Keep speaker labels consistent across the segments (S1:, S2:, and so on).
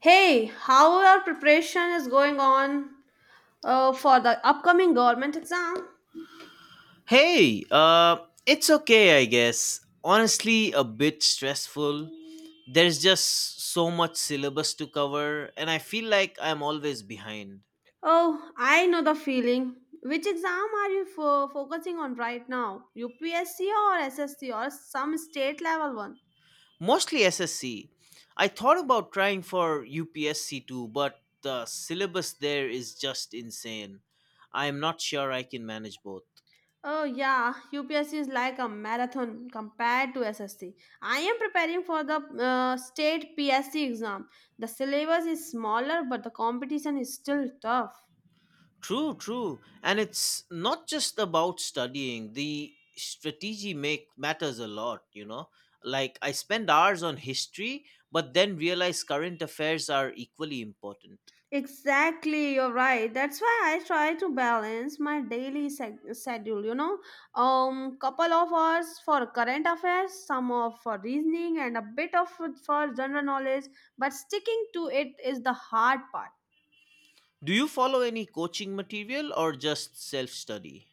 S1: Hey, how our preparation is going on for the upcoming government exam?
S2: Hey, it's okay, I guess. Honestly, a bit stressful. There's just so much syllabus to cover, and I feel like I'm always behind.
S1: Oh, I know the feeling. Which exam are you focusing on right now? UPSC or SSC or some state level one?
S2: Mostly SSC. I thought about trying for UPSC too, but the syllabus there is just insane. I'm not sure I can manage both.
S1: Oh, yeah, UPSC is like a marathon compared to SSC. I am preparing for the state PSC exam. The syllabus is smaller, but the competition is still tough.
S2: True, true. And it's not just about studying. The strategy make matters a lot. Like I spend hours on history, but then realize current affairs are equally important.
S1: Exactly, you're right. That's why I try to balance my daily schedule, you know. Couple of hours for current affairs, some of for reasoning and a bit of for general knowledge, but sticking to it is the hard part.
S2: Do you follow any coaching material or just self-study?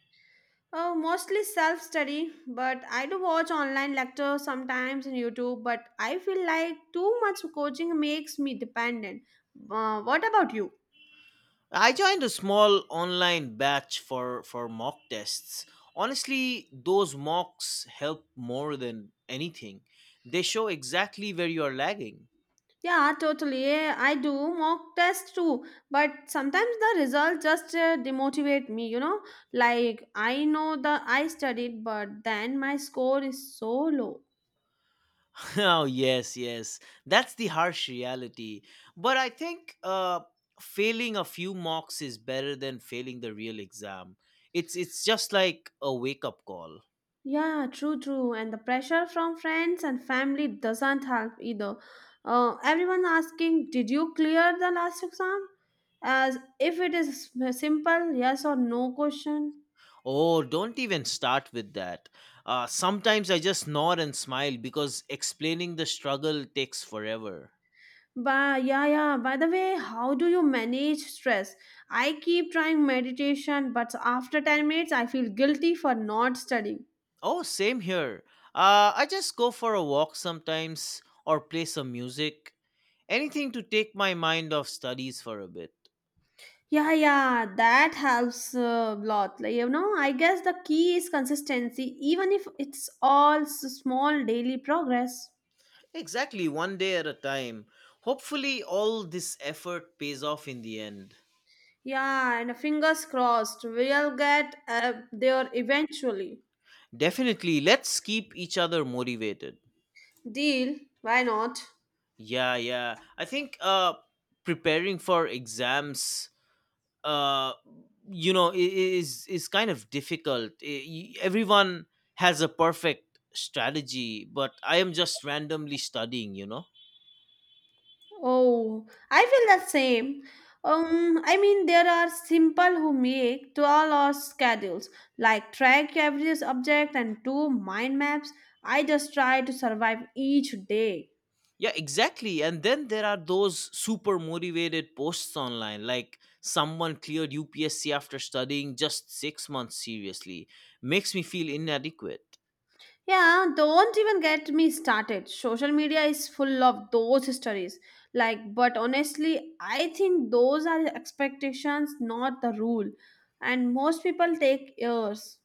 S1: Mostly self-study, but I do watch online lectures sometimes in YouTube, but I feel like too much coaching makes me dependent. What about you?
S2: I joined a small online batch for mock tests. Honestly, those mocks help more than anything. They show exactly where you are lagging.
S1: Yeah, totally. Yeah, I do mock tests too, but sometimes the results just demotivate me, you know? Like I know the I studied, but then my score is so low.
S2: Oh, yes, yes. That's the harsh reality. But I think failing a few mocks is better than failing the real exam. It's just like a wake up call.
S1: Yeah, true, true. And the pressure from friends and family doesn't help either. Everyone asking, "Did you clear the last exam?" as if it is a simple yes or no question.
S2: Oh, don't even start with that. Sometimes I just nod and smile because explaining the struggle takes forever.
S1: But yeah, yeah. By the way, how do you manage stress? I keep trying meditation, but after 10 minutes, I feel guilty for not studying.
S2: Oh, same here. I just go for a walk sometimes or play some music. Anything to take my mind off studies for a bit.
S1: Yeah, yeah, that helps a lot. Like, you know, I guess the key is consistency, even if it's all small daily progress.
S2: Exactly, one day at a time. Hopefully, all this effort pays off in the end.
S1: Yeah, and fingers crossed, we'll get there eventually.
S2: Definitely, let's keep each other motivated.
S1: Deal, why not?
S2: Yeah, yeah. I think preparing for exams uh is kind of difficult. Everyone has a perfect strategy, but I am just randomly studying.
S1: Oh, I feel the same. I mean, there are simple who make 12-hour schedules, like track every object and do mind maps. I just try to survive each day.
S2: Yeah, exactly. And then there are those super motivated posts online, like someone cleared UPSC after studying just 6 months seriously. Makes me feel inadequate.
S1: Yeah, don't even get me started. Social media is full of those stories. Like, but honestly, I think those are expectations, not the rule. And most people take years.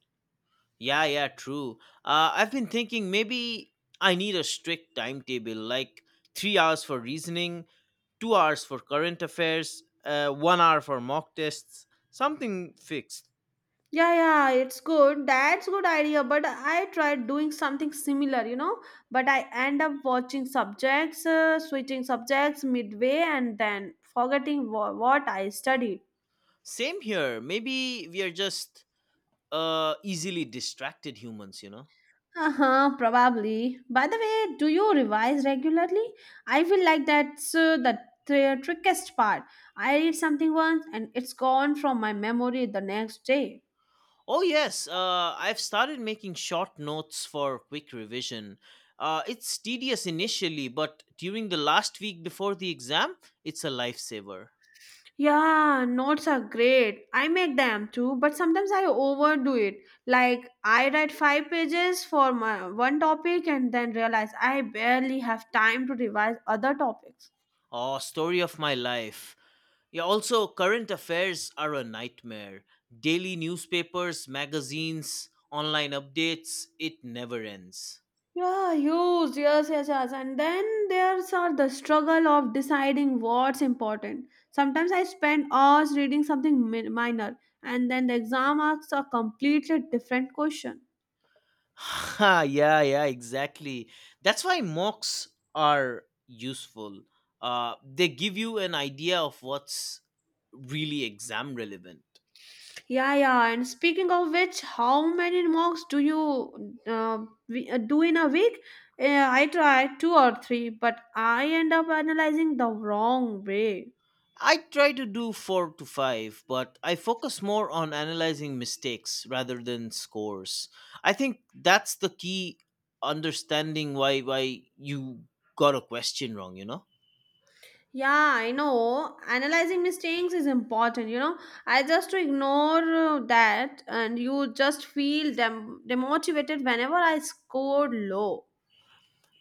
S2: Yeah, yeah, true. I've been thinking maybe I need a strict timetable, like 3 hours for reasoning, 2 hours for current affairs, 1 hour for mock tests, something fixed.
S1: Yeah, yeah, it's good. That's good idea. But I tried doing something similar, you know. But I end up watching subjects, switching subjects midway, and then forgetting what I studied.
S2: Same here. Maybe we are just easily distracted humans, you know?
S1: Uh huh. Probably. By the way, do you revise regularly? I feel like that's the trickiest part. I read something once, and it's gone from my memory the next day.
S2: Oh, yes. I've started making short notes for quick revision. It's tedious initially, but during the last week before the exam, it's a lifesaver.
S1: Yeah, notes are great. I make them too, but sometimes I overdo it. Like I write five pages for my one topic and then realize I barely have time to revise other topics.
S2: Oh, story of my life. Yeah, also, current affairs are a nightmare. Daily newspapers, magazines, online updates, it never ends.
S1: Yes, yes, yes. And then there's are the struggle of deciding what's important. Sometimes I spend hours reading something minor, and then the exam asks a completely different question.
S2: Ha, yeah, yeah, exactly. That's why mocks are useful. They give you an idea of what's really exam relevant.
S1: Yeah, yeah. And speaking of which, how many mocks do you do in a week? I try two or three, but I end up analyzing the wrong way.
S2: I try to do four to five, but I focus more on analyzing mistakes rather than scores. I think that's the key, understanding why you got a question wrong, you know?
S1: Yeah, I know. Analyzing mistakes is important, you know. I just to ignore that, and you just feel demotivated whenever I scored low.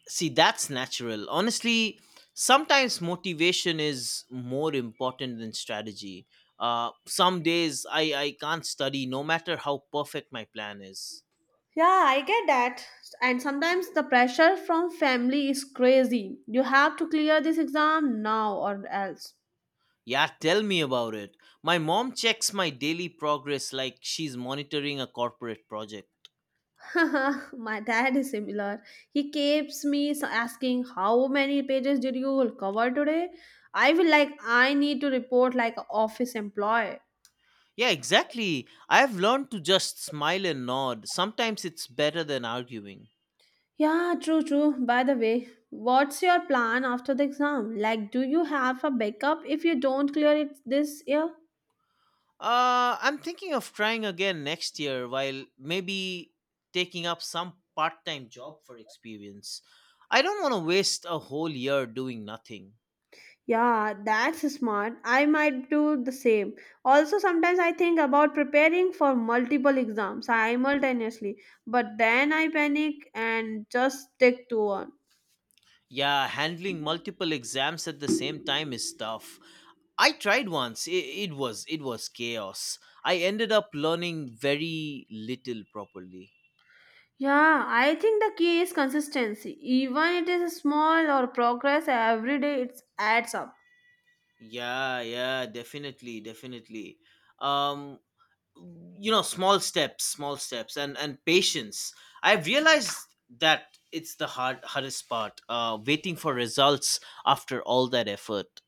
S2: See, that's natural. Honestly, sometimes motivation is more important than strategy. Some days I can't study no matter how perfect my plan is.
S1: Yeah, I get that. And sometimes the pressure from family is crazy. You have to clear this exam now or else.
S2: Yeah, tell me about it. My mom checks my daily progress like she's monitoring a corporate project.
S1: My dad is similar. He keeps me asking, how many pages did you cover today? I will like, I need to report like a office employee.
S2: Yeah, exactly. I've learned to just smile and nod. Sometimes it's better than arguing.
S1: Yeah, true, true. By the way, what's your plan after the exam? Like, do you have a backup if you don't clear it this year?
S2: I'm thinking of trying again next year while maybe taking up some part time job for experience. I don't want to waste a whole year doing nothing.
S1: Yeah, that's smart. I might do the same. Also, sometimes I think about preparing for multiple exams simultaneously, but then I panic and just stick to one.
S2: Yeah, handling multiple exams at the same time is tough. I tried once. It was chaos. I ended up learning very little properly.
S1: Yeah, I think the key is consistency. Even it is a small or progress every day, it adds up.
S2: Yeah, yeah, definitely, definitely. Um small steps and patience. I've realized that it's the hardest part. Waiting for results after all that effort.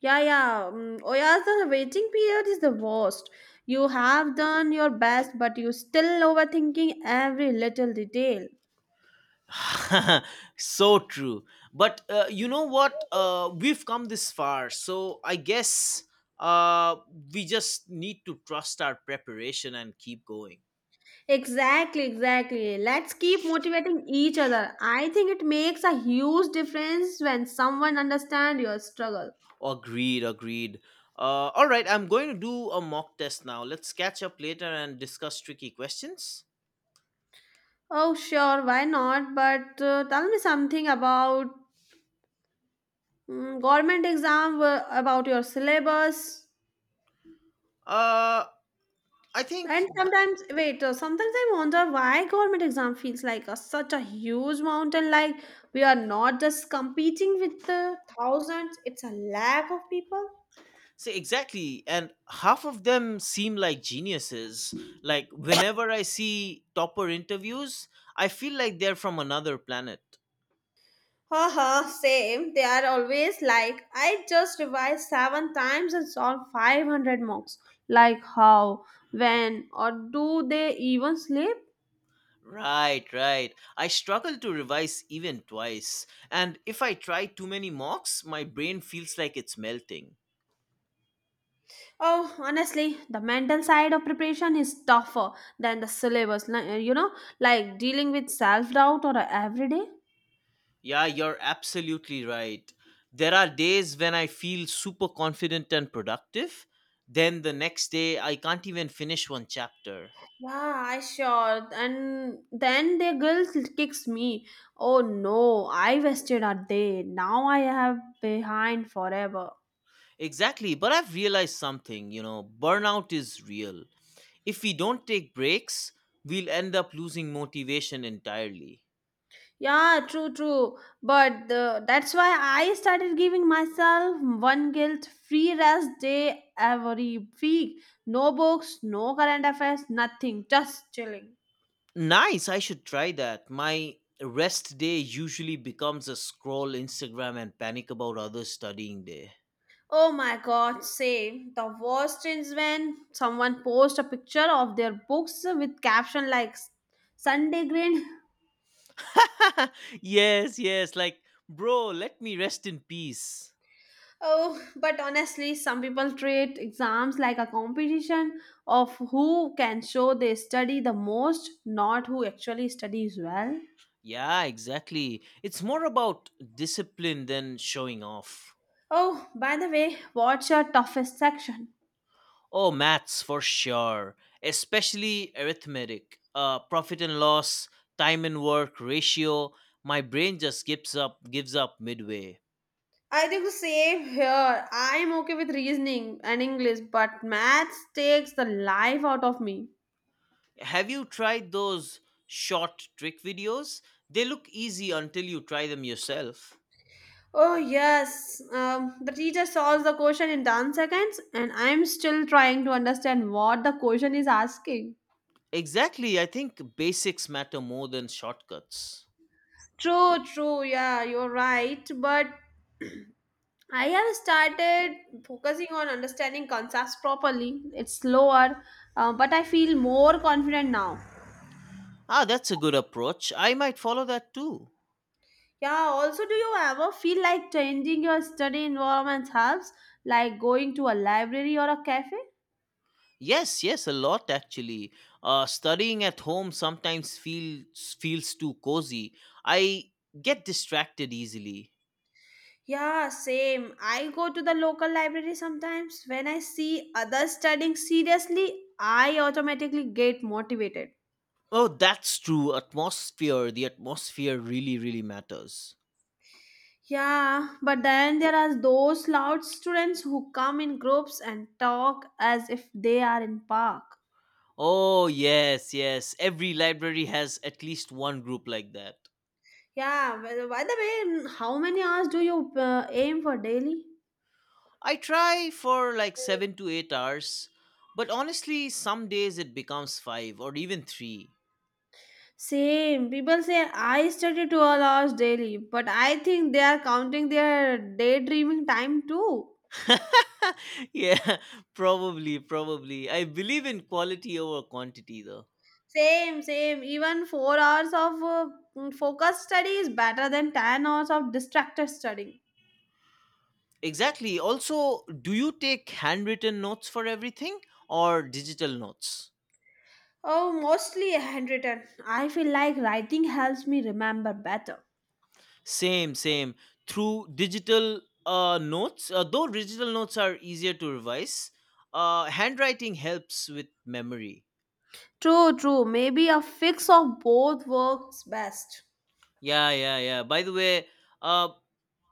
S1: Yeah, yeah. Oh, yeah, the waiting period is the worst. You have done your best, but you still overthinking every little detail.
S2: So true. But you know what? We've come this far, so I guess uh, we just need to trust our preparation and keep going.
S1: Exactly, exactly. Let's keep motivating each other. I think it makes a huge difference when someone understands your struggle.
S2: Agreed, agreed. All right, I'm going to do a mock test now. Let's catch up later and discuss tricky questions.
S1: Oh, sure, why not? But tell me something about government exam, about your syllabus.
S2: Uh, I think,
S1: And sometimes I wonder why government exam feels like a, such a huge mountain. Like we are not just competing with the thousands; it's a lack of people.
S2: say exactly, and half of them seem like geniuses. Like, whenever I see topper interviews, I feel like they're from another planet.
S1: Haha, same. They are always like, I just revised seven times and solved 500 mocks. Like how, when, or do they even sleep?
S2: Right, right. I struggle to revise even twice. And if I try too many mocks, my brain feels like it's melting.
S1: Oh, honestly, the mental side of preparation is tougher than the syllabus, you know, like dealing with self doubt or every day.
S2: Yeah, you're absolutely right. There are days when I feel super confident and productive. Then the next day, I can't even finish one chapter.
S1: Yeah, I sure. And then the guilt kicks me. Oh no, I wasted a day. Now I have behind forever.
S2: Exactly, but I've realized something, burnout is real. If we don't take breaks, we'll end up losing motivation entirely.
S1: Yeah, true, true. But the, that's why I started giving myself one guilt free rest day every week. No books, no current affairs, nothing, just chilling.
S2: Nice, I should try that. My rest day usually becomes a scroll Instagram and panic about others studying day.
S1: Oh my god, same. The worst is when someone posts a picture of their books with caption like Sunday green."
S2: Yes, yes, like, bro, let me rest in peace.
S1: Oh, but honestly, some people treat exams like a competition of who can show they study the most, not who actually studies well.
S2: Yeah, exactly. It's more about discipline than showing off.
S1: Oh, by the way, what's your toughest section?
S2: Oh, maths for sure, especially arithmetic, profit and loss, time and work ratio. My brain just gives up midway.
S1: I think the same here. I'm okay with reasoning and English, but maths takes the life out of me.
S2: Have you tried those short trick videos? They look easy until you try them yourself.
S1: Oh, yes. The teacher solves the question in 10 seconds, and I'm still trying to understand what the question is asking.
S2: Exactly, I think basics matter more than shortcuts.
S1: True, true. Yeah, you're right. But I have started focusing on understanding concepts properly. It's slower, but I feel more confident now.
S2: Ah, that's a good approach. I might follow that too.
S1: Yeah, also, do you ever feel like changing your study environment helps, like going to a library or a cafe?
S2: Yes, yes, a lot actually. Studying at home sometimes feels too cozy. I get distracted easily.
S1: Yeah, same. I go to the local library sometimes. When I see others studying seriously, I automatically get motivated.
S2: Oh, that's true. Atmosphere, the atmosphere really, really matters.
S1: Yeah, but then there are those loud students who come in groups and talk as if they are in park.
S2: Oh, yes, yes. Every library has at least one group like that.
S1: Yeah, well, by the way, how many hours do you aim for daily?
S2: I try for like 7 to 8 hours, but honestly, some days it becomes five or even three.
S1: Same. People say I study 2 hours daily, but I think they are counting their daydreaming time too.
S2: Yeah, probably, probably. I believe in quality over quantity though.
S1: Same, same. Even 4 hours of focused study is better than 10 hours of distracted studying.
S2: Exactly. Also, do you take handwritten notes for everything or digital notes?
S1: Oh, mostly handwritten. I feel like writing helps me remember better.
S2: Same, same. Through digital notes, though digital notes are easier to revise, handwriting helps with memory.
S1: True, true. Maybe a fix of both works best.
S2: Yeah, yeah, yeah. By the way, uh,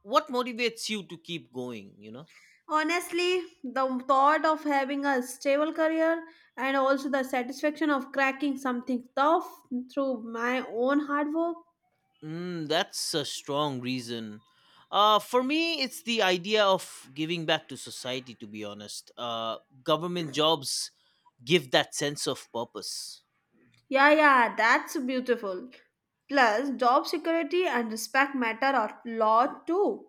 S2: what motivates you to keep going, you know?
S1: Honestly, the thought of having a stable career and also the satisfaction of cracking something tough through my own hard work.
S2: Mm, that's a strong reason. For me, it's the idea of giving back to society. To be honest, government jobs give that sense of purpose.
S1: Yeah, yeah, that's beautiful. Plus, job security and respect matter a lot too.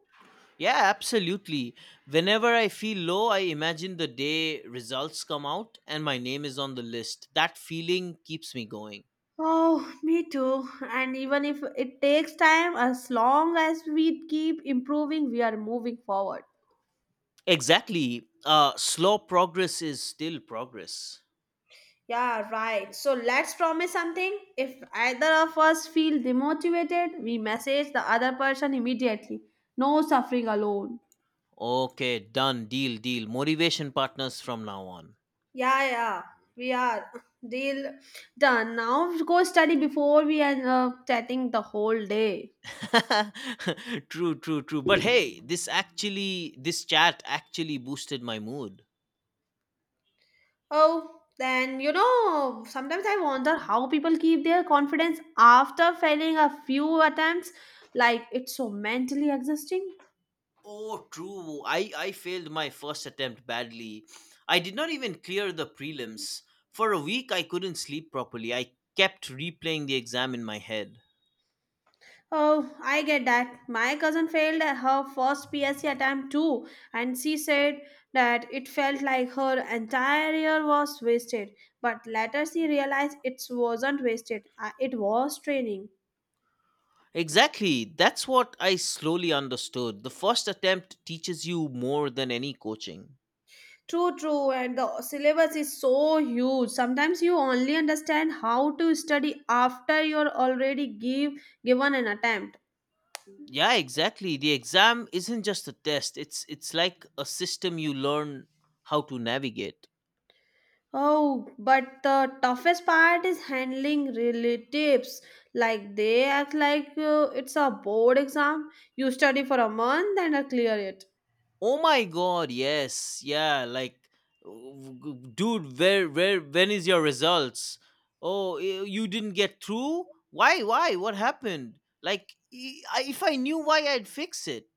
S2: Yeah, absolutely. Whenever I feel low, I imagine the day results come out and my name is on the list. That feeling keeps me going.
S1: Oh, me too. And even if it takes time, as long as we keep improving, we are moving forward.
S2: Exactly. Slow progress is still progress.
S1: Yeah, right. So let's promise something. If either of us feel demotivated, we message the other person immediately. No suffering alone.
S2: Okay, done. Deal, deal. Motivation partners from now on.
S1: Yeah, yeah, we are. Deal done. Now go study before we end up chatting the whole day.
S2: True, true, true. But hey, this chat actually boosted my mood.
S1: Oh, then you know, sometimes I wonder how people keep their confidence after failing a few attempts. Like it's so mentally exhausting.
S2: Oh, true. I failed my first attempt badly. I did not even clear the prelims. For a week, I couldn't sleep properly. I kept replaying the exam in my head.
S1: Oh, I get that. My cousin failed her first PSC attempt too, and she said that it felt like her entire year was wasted. But later she realized it wasn't wasted, it was training.
S2: Exactly. That's what I slowly understood. The first attempt teaches you more than any coaching.
S1: True, true, and the syllabus is so huge. Sometimes you only understand how to study after you're already given an attempt.
S2: Yeah, exactly. The exam isn't just a test. It's like a system you learn how to navigate.
S1: Oh, but the toughest part is handling relatives. Like they act like it's a board exam. You study for a month and clear it.
S2: Oh my god, yes. Yeah, like, dude, where when is your results? Oh, you didn't get through? Why? Why? What happened? Like, if I knew why I'd fix it.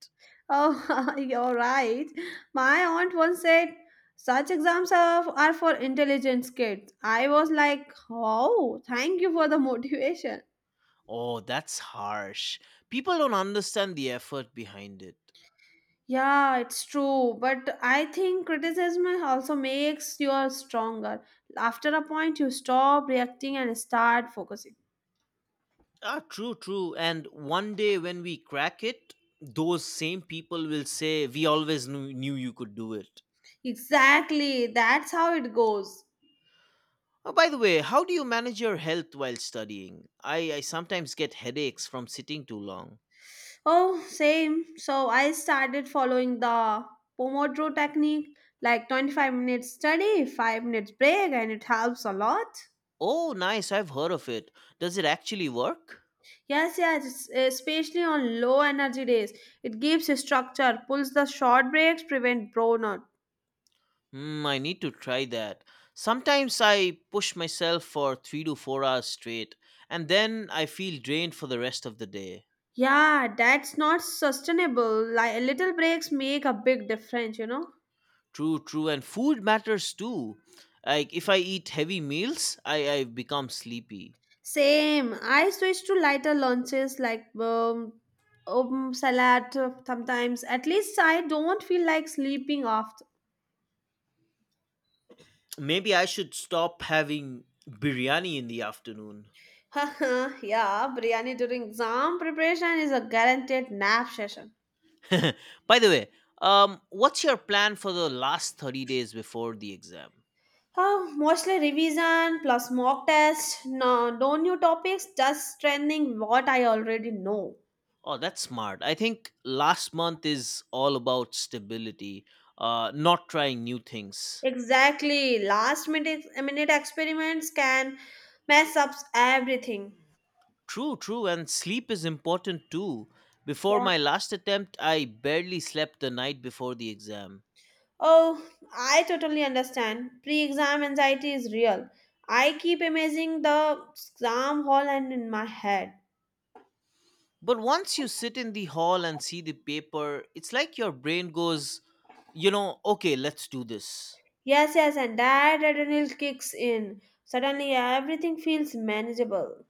S1: Oh, you're right. My aunt once said, such exams are for intelligence kids. I was like, oh, thank you for the motivation.
S2: Oh, that's harsh. People don't understand the effort behind it.
S1: Yeah, it's true. But I think criticism also makes you stronger. After a point, you stop reacting and start focusing.
S2: Ah, true, true. And one day when we crack it, those same people will say we always knew you could do it.
S1: Exactly, that's how it goes.
S2: Oh, by the way, how do you manage your health while studying? I sometimes get headaches from sitting too long.
S1: Oh, same. So I started following the Pomodoro technique, like 25 minutes study, 5 minutes break, and it helps a lot.
S2: Oh, nice, I've heard of it. Does it actually work?
S1: Yes, yes, especially on low energy days. It gives a structure, pulls the short breaks, prevent burnout.
S2: Hmm, I need to try that. Sometimes I push myself for 3 to 4 hours straight, and then I feel drained for the rest of the day.
S1: Yeah, that's not sustainable. Like little breaks make a big difference, you know.
S2: True, true, and food matters too. Like, if I eat heavy meals, I become sleepy.
S1: Same. I switch to lighter lunches like salad sometimes. At least I don't feel like sleeping after.
S2: Maybe I should stop having biryani in the afternoon.
S1: Yeah, biryani during exam preparation is a guaranteed nap session.
S2: By the way, what's your plan for the last 30 days before the exam?
S1: Oh, mostly revision plus mock test. No, no new topics, just strengthening what I already know.
S2: Oh, that's smart. I think last month is all about stability, not trying new things.
S1: Exactly. Last minute experiments can mess up everything.
S2: True, true, and sleep is important too. Before
S1: Yeah.
S2: my last attempt, I barely slept the night before the exam.
S1: Oh, I totally understand. Pre exam anxiety is real. I keep imagining the exam hall and in my head.
S2: But once you sit in the hall and see the paper, it's like your brain goes, okay, let's do this.
S1: Yes, yes, and that adrenaline kicks in. Suddenly everything feels manageable.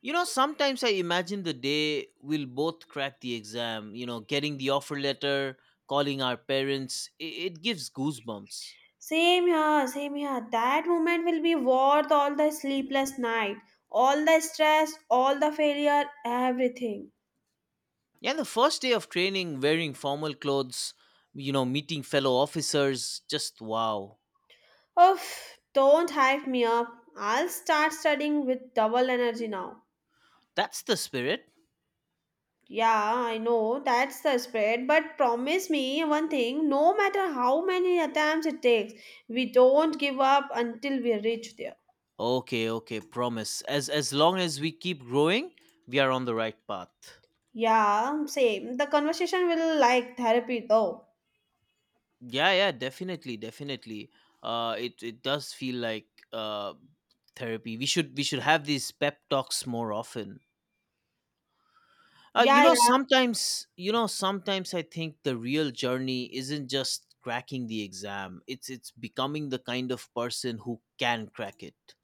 S2: You know, sometimes I imagine the day we'll both crack the exam, getting the offer letter, calling our parents. It gives goosebumps.
S1: Same here, same here. That moment will be worth all the sleepless night, all the stress, all the failure, everything.
S2: Yeah, the first day of training, wearing formal clothes, meeting fellow officers, just wow.
S1: Oof, don't hype me up. I'll start studying with double energy now.
S2: That's the spirit.
S1: Yeah, I know that's the spread, but promise me one thing no matter how many attempts it takes, we don't give up until we reach there.
S2: Okay, okay, promise. As long as we keep growing, we are on the right path.
S1: Yeah, same. The conversation will like therapy though.
S2: Yeah, yeah, definitely, definitely. It does feel like uh therapy. We should have these pep talks more often.
S1: Yeah, yeah.
S2: Sometimes I think the real journey isn't just cracking the exam. It's becoming the kind of person who can crack it.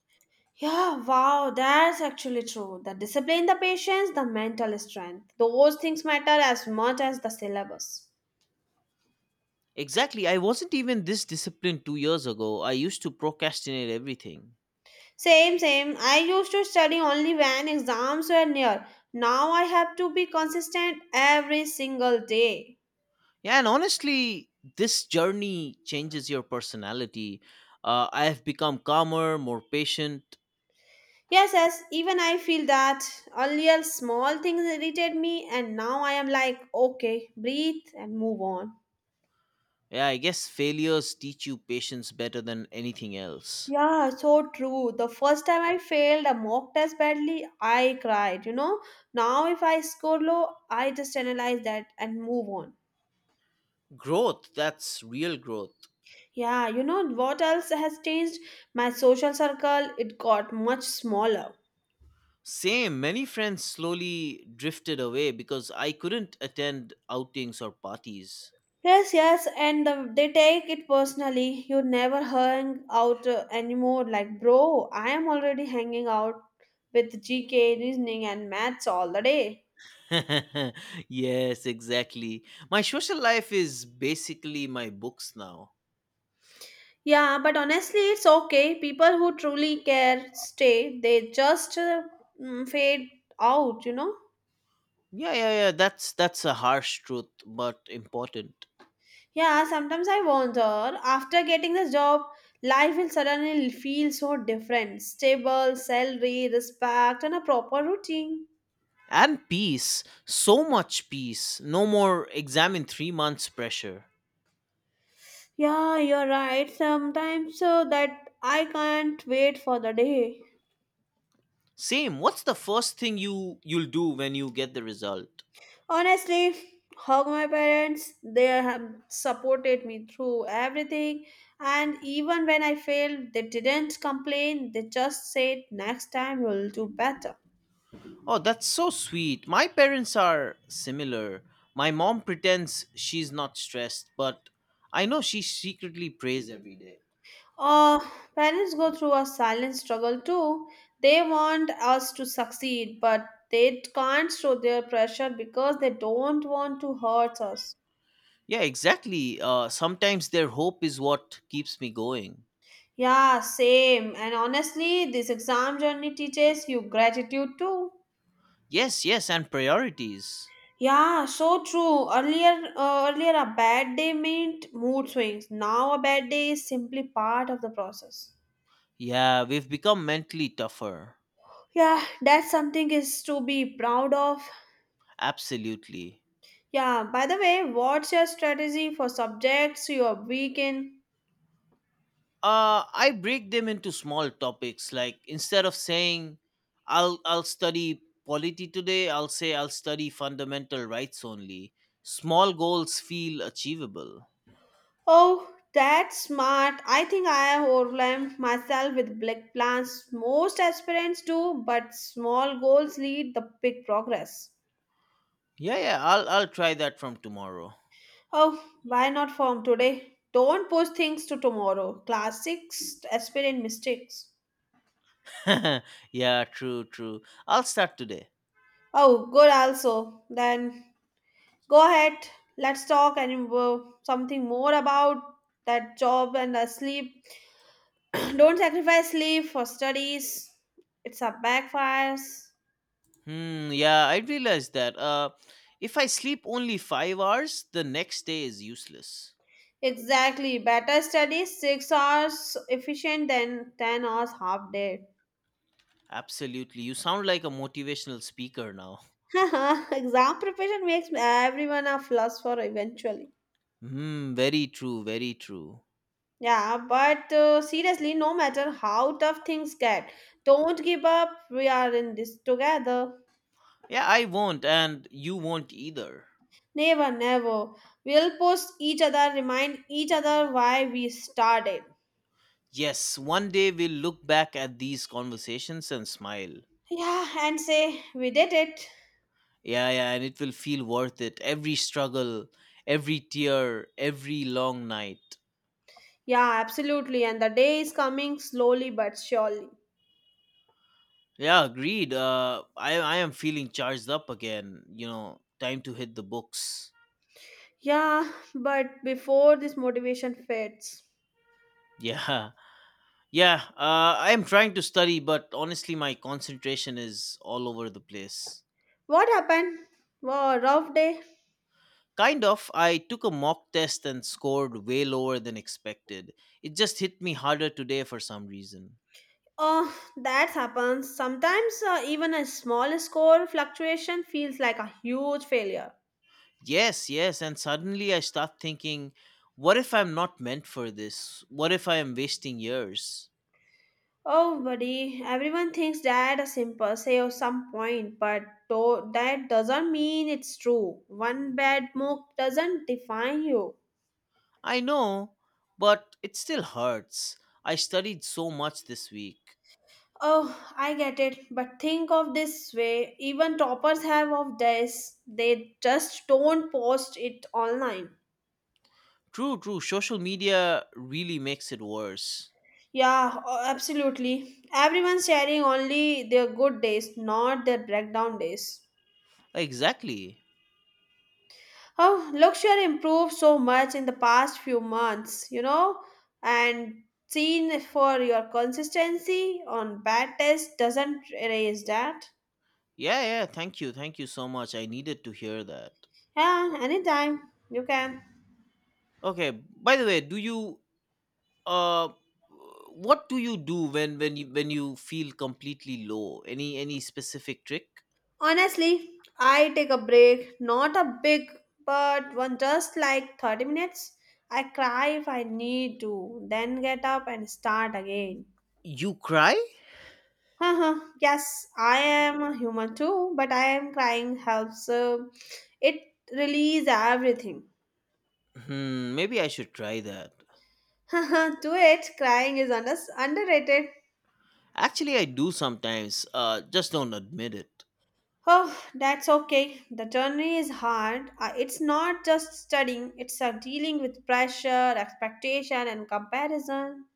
S1: Yeah, wow, that's actually true. The discipline, the patience, the mental strength. Those things matter as much as the syllabus.
S2: Exactly. I wasn't even this disciplined 2 years ago. I used to procrastinate everything.
S1: Same. I used to study only when exams were near. Now I have to be consistent every single day.
S2: Yeah, and honestly, this journey changes your personality. I have become calmer, more patient.
S1: Yes, yes, even I feel that earlier small things irritated me, and now I am like, okay, breathe and move on.
S2: Yeah, I guess failures teach you patience better than anything else.
S1: Yeah, so true. The first time I failed a mock test badly, I cried. You know, now if I score low, I just analyze that and move on.
S2: Growth, that's real growth.
S1: Yeah, you know what else has changed? My social circle, it got much smaller.
S2: Same, many friends slowly drifted away because I couldn't attend outings or parties.
S1: Yes, yes, and they take it personally. You never hang out anymore. Like, bro, I am already hanging out with GK, reasoning, and maths all the day.
S2: Yes, exactly. My social life is basically my books now.
S1: Yeah, but honestly, it's okay. People who truly care stay, they just fade out, you know?
S2: Yeah, yeah, yeah, that's a harsh truth but important.
S1: Yeah, sometimes I wonder after getting this job, life will suddenly feel so different stable, salary, respect, and a proper routine.
S2: And peace, so much peace. No more exam in 3 months pressure.
S1: Yeah, you're right. Sometimes so that I can't wait for the day.
S2: Same. What's the first thing you'll do when you get the result?
S1: Honestly, hug my parents. They have supported me through everything. And even when I failed, they didn't complain. They just said, next time you'll do better.
S2: Oh, that's so sweet. My parents are similar. My mom pretends she's not stressed, but I know she secretly prays every day.
S1: Uh, Parents go through a silent struggle too. They want us to succeed, but they can't show their pressure because they don't want to hurt us.
S2: Yeah, exactly. Sometimes their hope is what keeps me going.
S1: Yeah, same. And honestly, this exam journey teaches you gratitude too.
S2: Yes, yes, and priorities.
S1: Yeah, so true. Earlier a bad day meant mood swings. Now a bad day is simply part of the process.
S2: Yeah, we've become mentally tougher.
S1: Yeah, that's something is to be proud of.
S2: Absolutely.
S1: Yeah, by the way, what's your strategy for subjects you are weak in?
S2: I break them into small topics, like instead of saying, I'll study polity today, I'll say I'll study fundamental rights only. Small goals feel achievable.
S1: Oh, that's smart. I think I have overwhelmed myself with big plans. Most aspirants do, but small goals lead the big progress.
S2: Yeah, yeah, I'll try that from tomorrow.
S1: Oh, why not form today? Don't push things to tomorrow. Classics aspirant mistakes.
S2: Yeah, true, true, I'll start today.
S1: Oh, good also. Then go ahead. Let's talk and something more about that job and the sleep. Don't sacrifice sleep for studies. It's a backfires.
S2: Hmm, yeah, I realized that, if I sleep only 5 hours, the next day is useless.
S1: Exactly. Better study 6 hours efficient than 10 hours half day.
S2: Absolutely. You sound like a motivational speaker now.
S1: Exam preparation makes everyone a philosopher eventually.
S2: Hmm, very true, very true.
S1: Yeah, but seriously, no matter how tough things get, don't give up. We are in this together.
S2: Yeah, I won't, and you won't either.
S1: Never, never. We'll push each other, remind each other why we started.
S2: Yes, one day we'll look back at these conversations and smile.
S1: Yeah, and say we did it.
S2: Yeah, yeah, and it will feel worth it. Every struggle, every tear, every long night.
S1: Yeah, absolutely. And the day is coming slowly but surely.
S2: Yeah, agreed. I am feeling charged up again. Time to hit the books.
S1: Yeah, but before this motivation fades,
S2: Yeah, yeah. I am trying to study, but honestly, my concentration is all over the place.
S1: what happened? Wow, rough day.
S2: Kind of. I took a mock test and scored way lower than expected. It just hit me harder today for some reason.
S1: Oh, that happens. Sometimes even a small score fluctuation feels like a huge failure.
S2: Yes, yes, and suddenly I start thinking, what if I'm not meant for this? What if I am wasting years?
S1: Oh, buddy, everyone thinks that a simple say or some point, but though that doesn't mean it's true. One bad move doesn't define you.
S2: I know, but it still hurts. I studied so much this week.
S1: Oh, I get it. But think of this way even toppers have of this, they just don't post it online.
S2: True, true, social media really makes it worse.
S1: Yeah, absolutely. Everyone's sharing only their good days, not their breakdown days.
S2: Exactly.
S1: Oh, luxury improved so much in the past few months, you know, and seen for your consistency on bad test doesn't erase that.
S2: Yeah, yeah, thank you so much. I needed to hear that.
S1: Yeah, anytime you can.
S2: Okay, by the way, do you uh what do you do when you feel completely low? Any specific trick?
S1: Honestly, I take a break, not a big, but one just like 30 minutes. I cry if I need to, then get up and start again.
S2: You cry?
S1: Haha, yes, I am a human too, but I am crying helps. It release everything.
S2: Hmm, maybe I should try that.
S1: Haha, do it. Crying is underrated.
S2: Actually, I do sometimes, just don't admit it.
S1: Oh, that's okay. The journey is hard. It's not just studying, it's dealing with pressure, expectation, and comparison.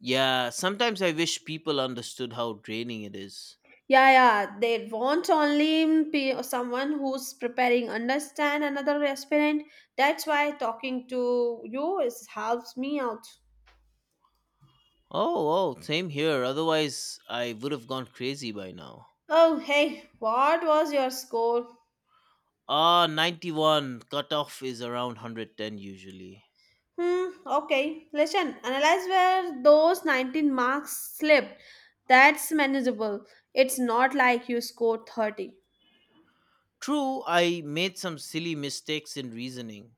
S2: Yeah, sometimes I wish people understood how draining it is.
S1: Yeah, yeah. They want only someone who's preparing, understand another aspirant. That's why talking to you is helps me out.
S2: Oh, oh, same here. Otherwise I would have gone crazy by now.
S1: Oh, hey, what was your score?
S2: Ah, 91. Cutoff is around 110 usually.
S1: Hmm, okay. Listen, analyze where those 19 marks slipped. That's manageable. It's not like you scored 30.
S2: True, I made some silly mistakes in reasoning.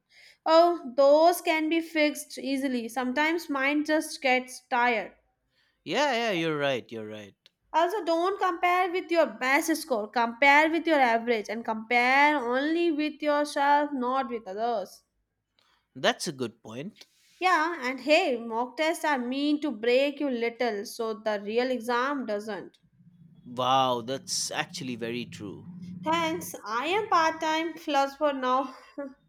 S1: Oh, those can be fixed easily. Sometimes mind just gets tired.
S2: Yeah, yeah, you're right, you're right.
S1: Also, don't compare with your best score. Compare with your average and compare only with yourself, not with others.
S2: That's a good point.
S1: Yeah, and hey, mock tests are mean to break you little, so the real exam doesn't.
S2: Wow, that's actually very true.
S1: Thanks, I am part time philosopher now.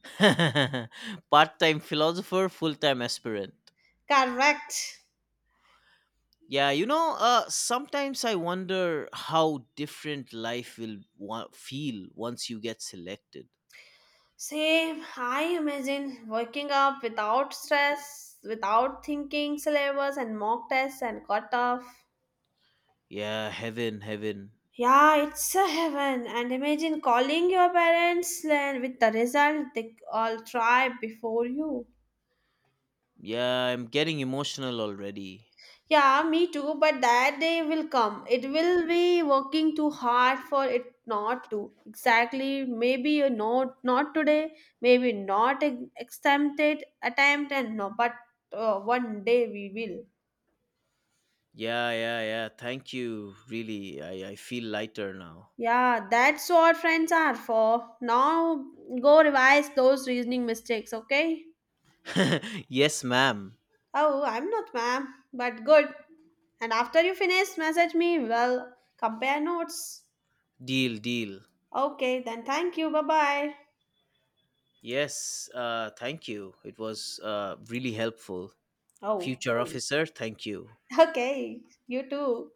S2: Part time philosopher, full time aspirant.
S1: Correct.
S2: Yeah, you know, sometimes I wonder how different life will feel once you get selected.
S1: Same, I imagine waking up without stress, without thinking syllabus and mock tests and cutoff.
S2: Yeah, heaven, heaven.
S1: Yeah, it's a heaven. And imagine calling your parents and with the result they all try before you.
S2: Yeah, I'm getting emotional already.
S1: Yeah, me too, but that day will come. It will be working too hard for it not to. Exactly. Maybe you know not today, maybe not attempt and no, but one day we will.
S2: Yeah, yeah, yeah. Thank you. Really, I feel lighter now.
S1: Yeah, that's what friends are for. Now go revise those reasoning mistakes, okay?
S2: Yes, ma'am.
S1: Oh, I'm not, ma'am, but good. And after you finish, message me. Well, compare notes.
S2: Deal, deal.
S1: Okay, then thank you. Bye bye.
S2: Yes, thank you. It was really helpful.
S1: Oh,
S2: Future
S1: okay.
S2: officer, thank you.
S1: Okay, you too.